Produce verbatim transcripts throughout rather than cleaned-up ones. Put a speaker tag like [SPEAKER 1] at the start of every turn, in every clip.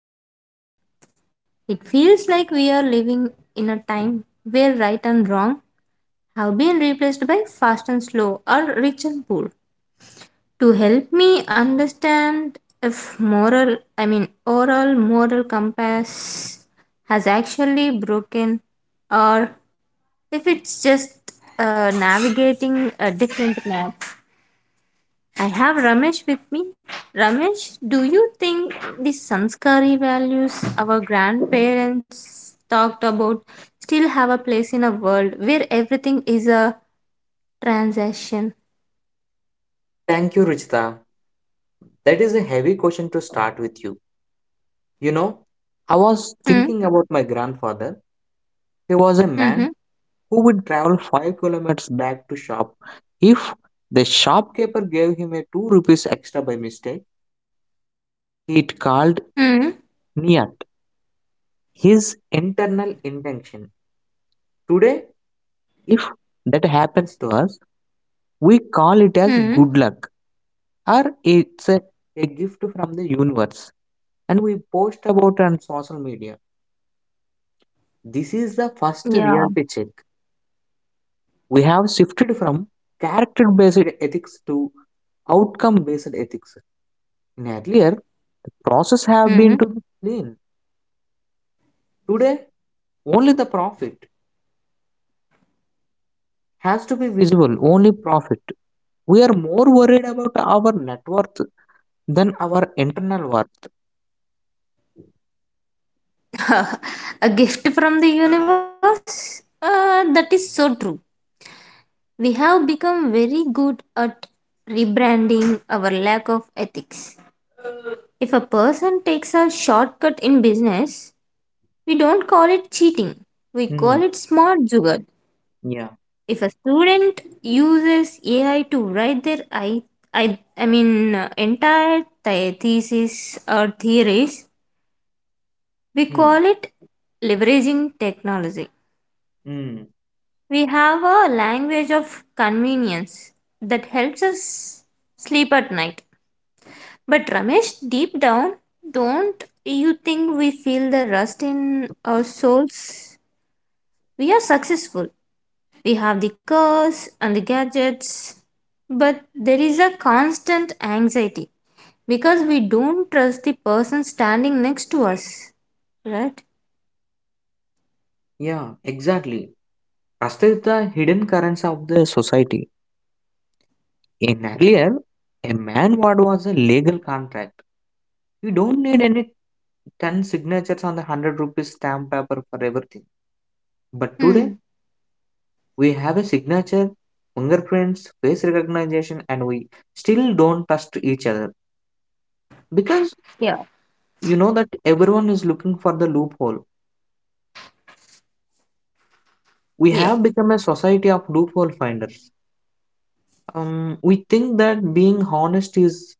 [SPEAKER 1] in the modern day. It feels like we are living in a time where right and wrong have been replaced by fast and slow or rich and poor to help me understand if moral I mean oral moral compass has actually broken or if it's just uh, navigating a different map. I have Ramesh with me. Ramesh, do you think the sanskari values our grandparents talked about still have a place in a world where everything is a transaction?
[SPEAKER 2] Thank you, Ruchita. That is a heavy question to start with you. You know, I was
[SPEAKER 1] hmm
[SPEAKER 2] thinking about my grandfather. He was a man
[SPEAKER 1] mm-hmm.
[SPEAKER 2] who would travel five kilometers back to shop. If the shopkeeper gave him a two rupees extra by mistake,
[SPEAKER 1] Mm-hmm.
[SPEAKER 2] it called niyat, his internal intention. Today, if that happens to us, we call
[SPEAKER 1] Mm-hmm.
[SPEAKER 2] it as good luck or it's a, a gift from the universe and we post about it on social media. This is the first
[SPEAKER 1] yeah
[SPEAKER 2] reality check. We have shifted from character based ethics to outcome based ethics. In earlier, the process have
[SPEAKER 1] Mm-hmm.
[SPEAKER 2] been to be clean. Today, only the profit has to be visible, only profit. We are more worried about our net worth than our internal worth.
[SPEAKER 1] A gift from the universe? Uh, that is so true. We have become very good at rebranding our lack of ethics. If a person takes a shortcut in business, we don't call it cheating, we
[SPEAKER 2] Hmm.
[SPEAKER 1] call it smart jugaad.
[SPEAKER 2] Yeah.
[SPEAKER 1] If a student uses A I to write their I, I, I mean uh, entire the- thesis or theories, we
[SPEAKER 2] Hmm.
[SPEAKER 1] call it leveraging technology.
[SPEAKER 2] Hmm.
[SPEAKER 1] We have a language of convenience that helps us sleep at night. But Ramesh, deep down, don't you think we feel the rust in our souls? We are successful. We have the cars and the gadgets. But there is a constant anxiety because we don't trust the person standing next to us, right?
[SPEAKER 2] Yeah, exactly. Trust is the hidden currents of the society. In earlier, a man word was a legal contract. You don't need any ten signatures on the hundred rupees stamp paper for everything. But today,
[SPEAKER 1] Hmm.
[SPEAKER 2] we have a signature, fingerprints, face recognition, and we still don't trust each other because
[SPEAKER 1] Yeah.
[SPEAKER 2] you know that everyone is looking for the loophole. We have
[SPEAKER 1] Yeah.
[SPEAKER 2] become a society of loophole finders. Um, we think that being honest is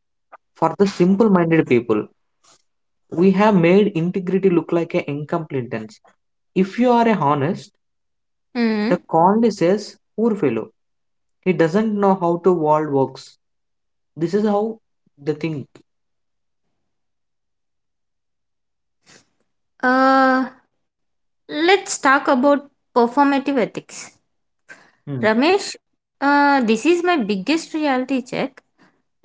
[SPEAKER 2] for the simple minded people. We have made integrity look like an incompetence. If you are a honest, the
[SPEAKER 1] Hmm.
[SPEAKER 2] conly says, poor fellow, he doesn't know how the world works. This is how they think.
[SPEAKER 1] Uh, let's talk about performative ethics.
[SPEAKER 2] Hmm.
[SPEAKER 1] Ramesh, uh, this is my biggest reality check.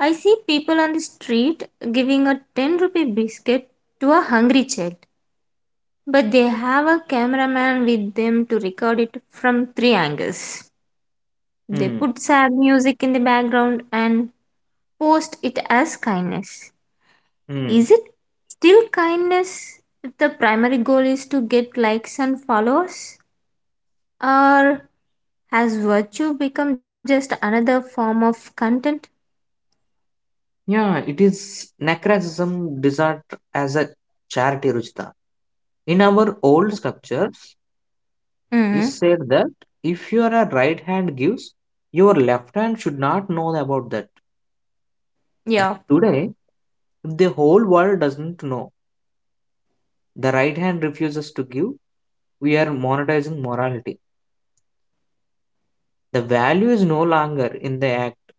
[SPEAKER 1] I see people on the street giving a ten rupee biscuit to a hungry child, but they have a cameraman with them to record it from three angles. They
[SPEAKER 2] Hmm.
[SPEAKER 1] put sad music in the background and post it as kindness.
[SPEAKER 2] Hmm.
[SPEAKER 1] Is it still kindness if the primary goal is to get likes and followers? Or has virtue become just another form of content?
[SPEAKER 2] Yeah, it is necracism designed as a charity, Ruchita. In our old sculpture, is
[SPEAKER 1] Hmm.
[SPEAKER 2] said that if your right hand gives, your left hand should not know about that. But
[SPEAKER 1] Yeah.
[SPEAKER 2] today, if the whole world doesn't know, the right hand refuses to give, we are monetizing morality. The value is no longer in the act,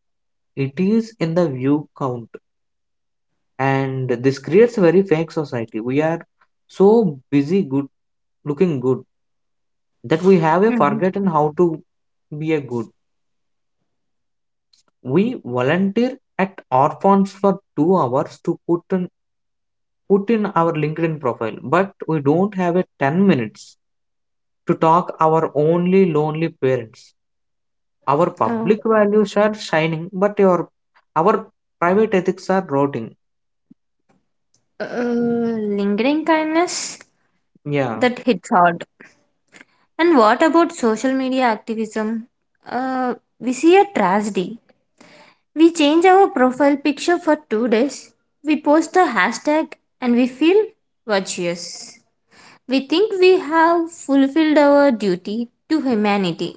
[SPEAKER 2] it is in the view count. And this creates a very fake society. We are so busy good looking good that we have a
[SPEAKER 1] Mhm.
[SPEAKER 2] forgotten how to be a good. We volunteer at orphans for two hours to put in, put in our LinkedIn profile, but we don't have a ten minutes to talk our only lonely parents. Our public
[SPEAKER 1] Oh,
[SPEAKER 2] values are shining, but your our private ethics are rotting.
[SPEAKER 1] uh, lingering kindness
[SPEAKER 2] Yeah.
[SPEAKER 1] that hits hard. And what about social media activism? Uh, we see a tragedy. We change our profile picture for two days. We post a hashtag and we feel virtuous. We think we have fulfilled our duty to humanity.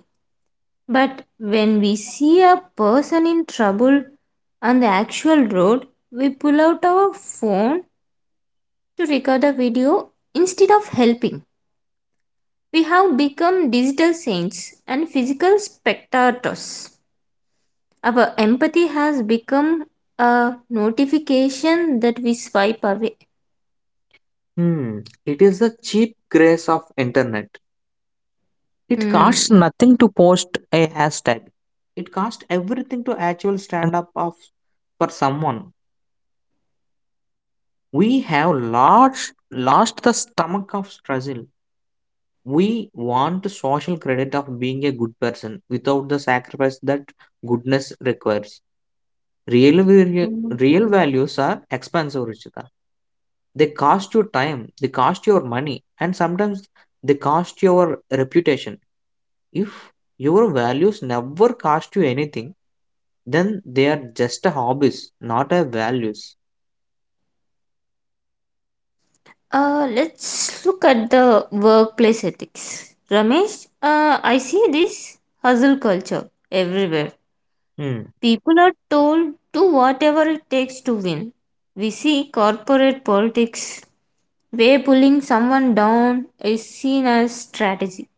[SPEAKER 1] But when we see a person in trouble on the actual road, we pull out our phone to record a video instead of helping. We have become digital saints and physical spectators. Our empathy has become a notification that we swipe away.
[SPEAKER 2] Hmm. It is the cheap grace of internet. It costs
[SPEAKER 1] Hmm.
[SPEAKER 2] nothing to post a hashtag. It costs everything to actual stand up of for someone. We have lost lost the stomach of struggle. We want the social credit of being a good person without the sacrifice that goodness requires. Real, valu-
[SPEAKER 1] Mm.
[SPEAKER 2] Real values are expensive, Ruchita. They cost you time, they cost your money, and sometimes they cost your reputation. If your values never cost you anything, then they are just a hobbies, not a values.
[SPEAKER 1] Uh, let's look at the workplace ethics. Ramesh, uh, I see this hustle culture everywhere.
[SPEAKER 2] Hmm.
[SPEAKER 1] People are told do whatever it takes to win. We see corporate politics where pulling someone down is seen as strategy.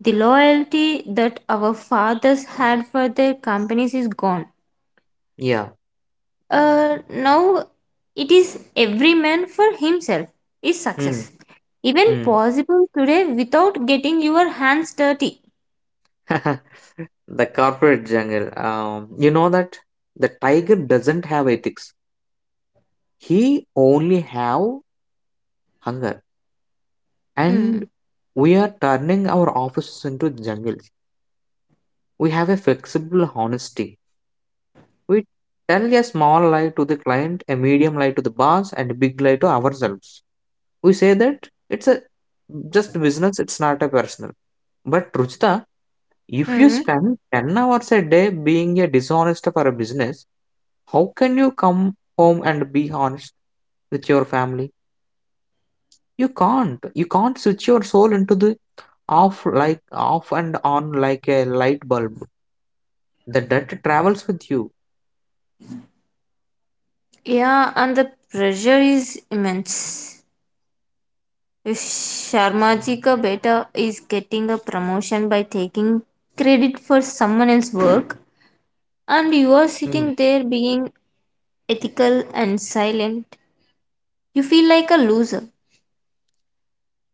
[SPEAKER 1] The loyalty that our fathers had for their companies is gone.
[SPEAKER 2] Yeah.
[SPEAKER 1] Uh, now it is every man for himself is
[SPEAKER 2] Hmm.
[SPEAKER 1] success. Even
[SPEAKER 2] Hmm.
[SPEAKER 1] possible today without getting your hands dirty.
[SPEAKER 2] The corporate jungle. Um, you know that the tiger doesn't have ethics. He only have hunger. And
[SPEAKER 1] Mm.
[SPEAKER 2] we are turning our offices into jungles. We have a flexible honesty. We tell a small lie to the client, a medium lie to the boss, and a big lie to ourselves. We say that it's a just business, it's not a personal. But Ruchita, if you
[SPEAKER 1] Mm.
[SPEAKER 2] spend ten hours a day being a dishonest for a business, how can you come home and be honest with your family? You can't. You can't switch your soul into the off like off and on like a light bulb. The debt travels with you.
[SPEAKER 1] Yeah, and the pressure is immense. If Sharmaji ka beta is getting a promotion by taking credit for someone else's work, and you are
[SPEAKER 2] Mm,
[SPEAKER 1] sitting there being ethical and silent, you feel like a loser.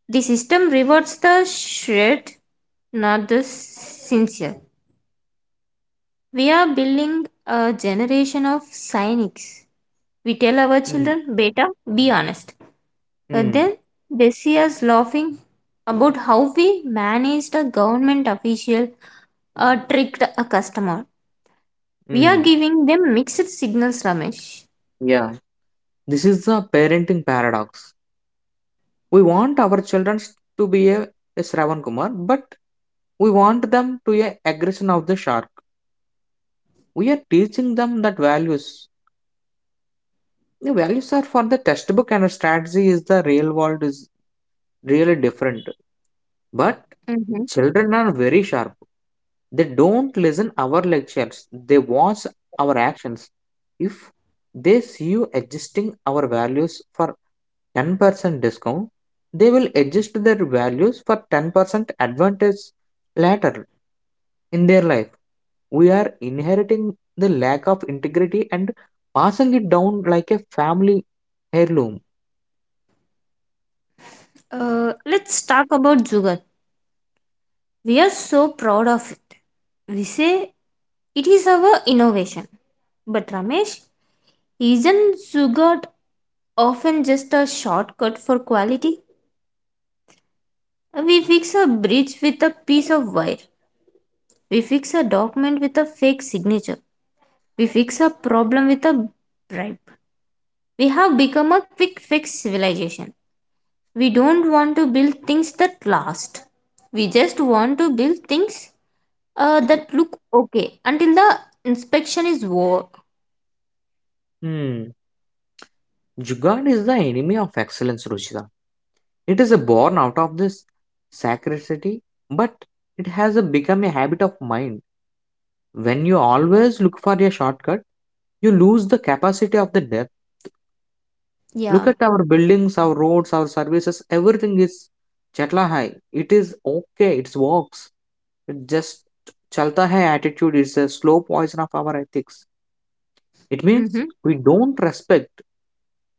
[SPEAKER 1] The system rewards the shred, not the sincere. We are building a generation of cynics. We tell our
[SPEAKER 2] mm,
[SPEAKER 1] children, beta, be honest. But
[SPEAKER 2] mm,
[SPEAKER 1] then they see us laughing about how we managed a government official or tricked a customer. We are
[SPEAKER 2] mm,
[SPEAKER 1] giving them mixed signals, Ramesh.
[SPEAKER 2] yeah. This is the parenting paradox. We want our children to be a, a Shravan Kumar, but we want them to a aggression of the shark. We are teaching them that values. The values are for the textbook and a strategy is the real world is really different. But
[SPEAKER 1] Mhm.
[SPEAKER 2] children are very sharp. They don't listen our lectures. They watch our actions. If they see you adjusting our values for ten percent discount, they will adjust their values for ten percent advantage later in their life. We are inheriting the lack of integrity and passing it down like a family heirloom.
[SPEAKER 1] Uh, let's talk about Zugal. We are so proud of it. We say it is our innovation. But Ramesh, isn't Zugat often just a shortcut for quality? We fix a bridge with a piece of wire. We fix a document with a fake signature. We fix a problem with a bribe. We have become a quick fix civilization. We don't want to build things that last. We just want to build things uh, that look okay until the inspection is over.
[SPEAKER 2] Hmm. Jugaad is the enemy of excellence, Ruchita. It is a born out of this scarcity, but it has a become a habit of mind. When you always look for a shortcut, you lose the capacity of the depth. Look
[SPEAKER 1] Yeah.
[SPEAKER 2] at our buildings, our roads, our services, everything is chatla hai. It is okay, it works. It just chalta hai attitude is a slow poison of our ethics. It means
[SPEAKER 1] Mm-hmm.
[SPEAKER 2] we don't respect,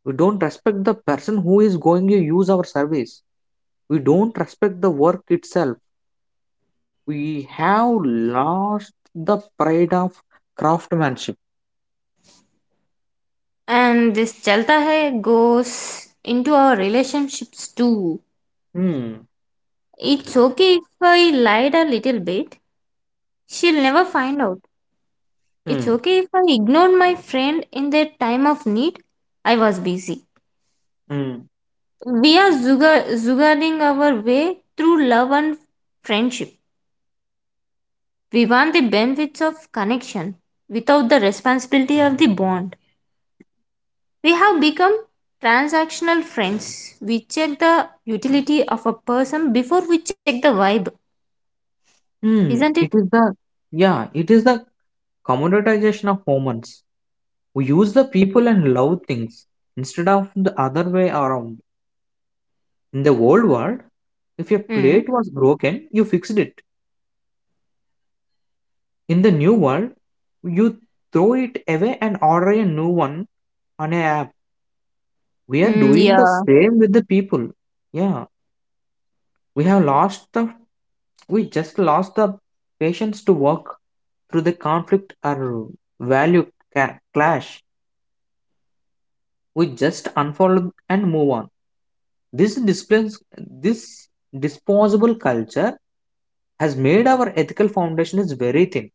[SPEAKER 2] we don't respect the person who is going to use our service. We don't respect the work itself. We have lost the pride of craftsmanship.
[SPEAKER 1] And this chalta hai goes into our relationships too.
[SPEAKER 2] Hmm.
[SPEAKER 1] It's okay if I lied a little bit. She'll never find out. It's
[SPEAKER 2] Hmm.
[SPEAKER 1] okay if I ignored my friend in their time of need. I was busy.
[SPEAKER 2] Hmm.
[SPEAKER 1] We are zuga- zugaring our way through love and friendship. We want the benefits of connection without the responsibility of the bond. We have become transactional friends. We check the utility of a person before we check the vibe,
[SPEAKER 2] Hmm.
[SPEAKER 1] isn't it?
[SPEAKER 2] It is the Yeah. It is the commoditization of humans. We use the people and love things instead of the other way around. In the old world, if a
[SPEAKER 1] Mm.
[SPEAKER 2] plate was broken, you fixed it. In the new world, you throw it away and order a new one on a app. We are
[SPEAKER 1] Mm,
[SPEAKER 2] doing the
[SPEAKER 1] yeah.
[SPEAKER 2] same with the people. Yeah, we have lost the we just lost the patience to walk through the conflict or value ca- clash. We just unfollow and move on. This displays this disposable culture has made our ethical foundation is very thin.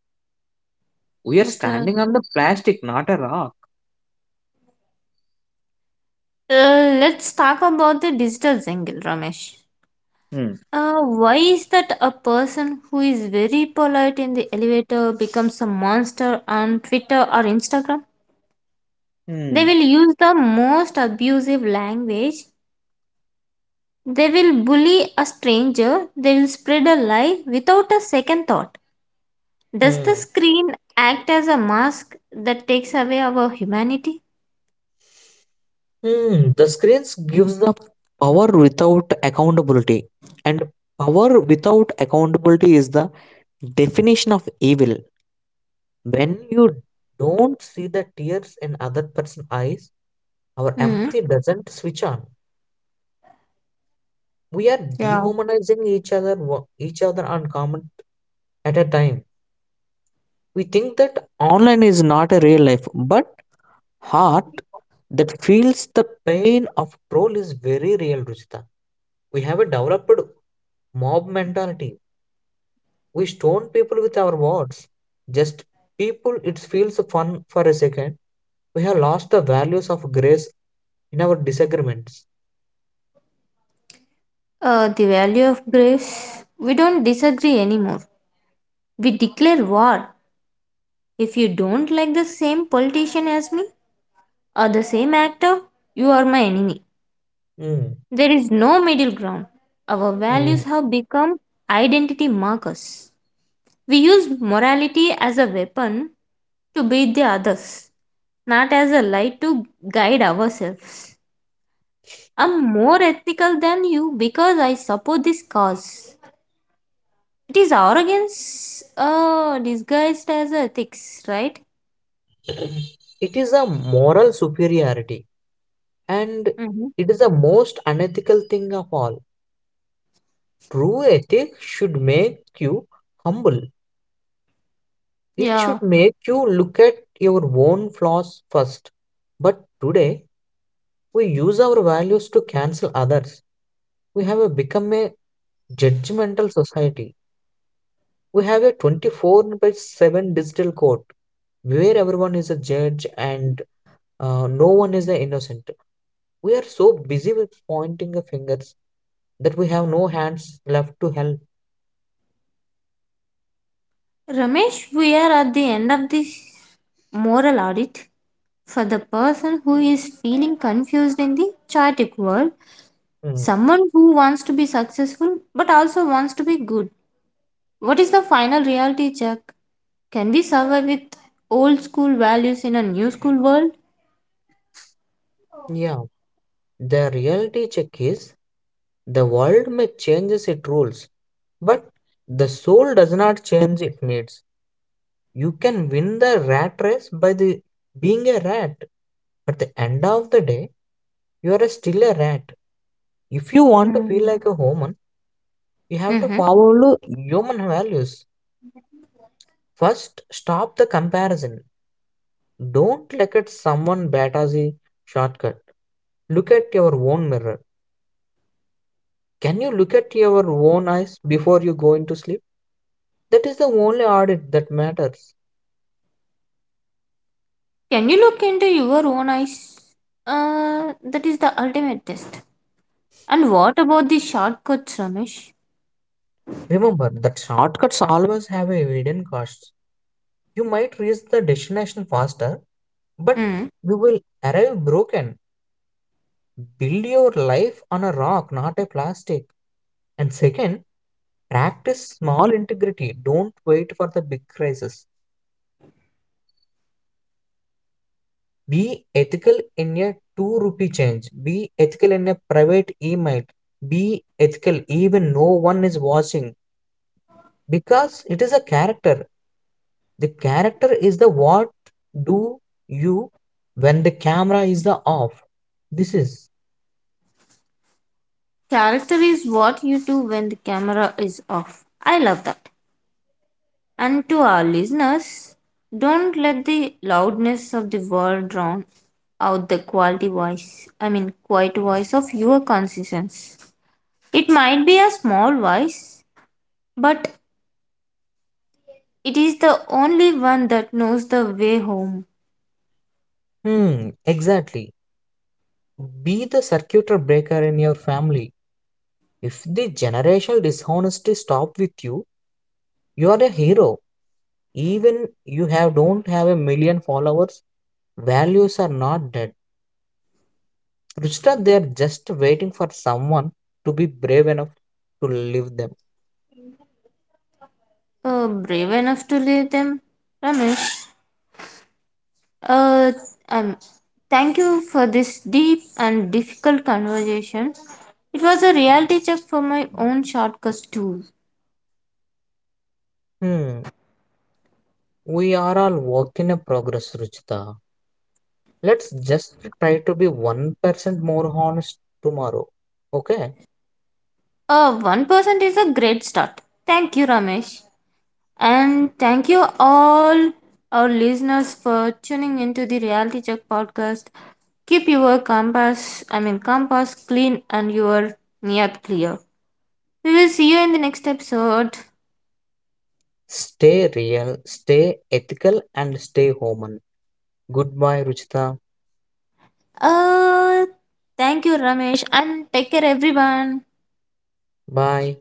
[SPEAKER 2] We are
[SPEAKER 1] Okay.
[SPEAKER 2] standing on the plastic, not a rock.
[SPEAKER 1] Uh, let's talk about the digital angle, Ramesh.
[SPEAKER 2] Hmm.
[SPEAKER 1] Uh, why is that a person who is very polite in the elevator becomes a monster on Twitter or Instagram? They
[SPEAKER 2] Hmm.
[SPEAKER 1] will use the most abusive language. They will bully a stranger. They will spread a lie without a second thought. Does the
[SPEAKER 2] Hmm.
[SPEAKER 1] screen act as a mask that takes away our humanity?
[SPEAKER 2] Hmm. The screens gives the power without accountability, and power without accountability is the definition of evil. When you don't see the tears in other person's eyes, our
[SPEAKER 1] Hmm.
[SPEAKER 2] empathy doesn't switch on. We are
[SPEAKER 1] Yeah.
[SPEAKER 2] dehumanizing each other, wo- each other on comment at a time. We think that online is not a real life, but heart that feels the pain of troll is very real, Ruchita. We have a developed mob mentality. We stone people with our words. Just people, it feels fun for a second. We have lost the values of grace in our disagreements.
[SPEAKER 1] Uh, the value of grace. We don't disagree anymore. We declare war. If you don't like the same politician as me or the same actor, you are my enemy.
[SPEAKER 2] Mm,
[SPEAKER 1] There is no middle ground. Our values
[SPEAKER 2] mm.
[SPEAKER 1] have become identity markers. We use morality as a weapon to beat the others, not as a light to guide ourselves. I'm more ethical than you because I support this cause. It is arrogance uh, disguised as ethics, right?
[SPEAKER 2] It is a moral superiority, and
[SPEAKER 1] Mm-hmm.
[SPEAKER 2] it is the most unethical thing of all. True ethic should make you humble. It
[SPEAKER 1] Yeah.
[SPEAKER 2] should make you look at your own flaws first. But today, we use our values to cancel others. We have a become a judgmental society. We have a twenty four by seven digital court where everyone is a judge and uh, no one is the innocent. We are so busy with pointing the fingers that we have no hands left to help.
[SPEAKER 1] Ramesh, we are at the end of this moral audit. For the person who is feeling confused in the chaotic world,
[SPEAKER 2] Hmm.
[SPEAKER 1] someone who wants to be successful but also wants to be good. What is the final reality check? Can we survive with old school values in a new school world?
[SPEAKER 2] Yeah, the reality check is the world may change its rules, but the soul does not change its needs. You can win the rat race by the being a rat. At the end of the day, you are still a rat. If you want to feel
[SPEAKER 1] Mm.
[SPEAKER 2] like a human, you have to
[SPEAKER 1] Mhm.
[SPEAKER 2] follow human values. First, stop the comparison. Don't look at someone better as a shortcut. Look at your own mirror. Can you look at your own eyes before you go into sleep? That is the only audit that matters.
[SPEAKER 1] Can you look into your own eyes? Uh, that is the ultimate test. And what about the shortcuts, Ramesh?
[SPEAKER 2] Remember that shortcuts always have a hidden costs. You might reach the destination faster, but
[SPEAKER 1] Hmm.
[SPEAKER 2] you will arrive broken. Build your life on a rock, not a plastic. And second, practice small integrity. Don't wait for the big crisis. Be ethical in a two rupee change. Be ethical in a private email. Be ethical even no one is watching because it is a character. The character is the what do you when the camera is the off. This is
[SPEAKER 1] Character is what you do when the camera is off. I love that. And to our listeners, don't let the loudness of the world drown out the quality voice. I mean, quiet voice of your conscience. It might be a small voice, but it is the only one that knows the way home.
[SPEAKER 2] Hmm, exactly. Be the circuit breaker in your family. If the generational dishonesty stop with you, you are a hero. Even you have don't have a million followers, values are not dead Ruchita, they are just waiting for someone to be brave enough to leave them.
[SPEAKER 1] Uh, brave enough to leave them. Ramesh, uh, um, thank you for this deep and difficult conversation. It was a reality check for my own shortcuts too.
[SPEAKER 2] Hmm, we are all work in a progress, Ruchita. Let's just try to be one percent more honest tomorrow. Okay?
[SPEAKER 1] Uh, one percent is a great start. Thank you, Ramesh. And thank you all our listeners for tuning into the Reality Check podcast. Keep your compass, I mean, compass clean and your near clear. We will see you in the next episode.
[SPEAKER 2] Stay real, stay ethical, and stay human. Goodbye, Ruchita.
[SPEAKER 1] Uh, Thank you, Ramesh, and take care, everyone.
[SPEAKER 2] Bye.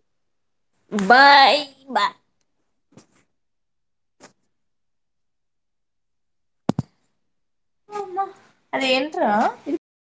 [SPEAKER 1] Bye. Bye. అమ్మా, అదేంట్రా ఇది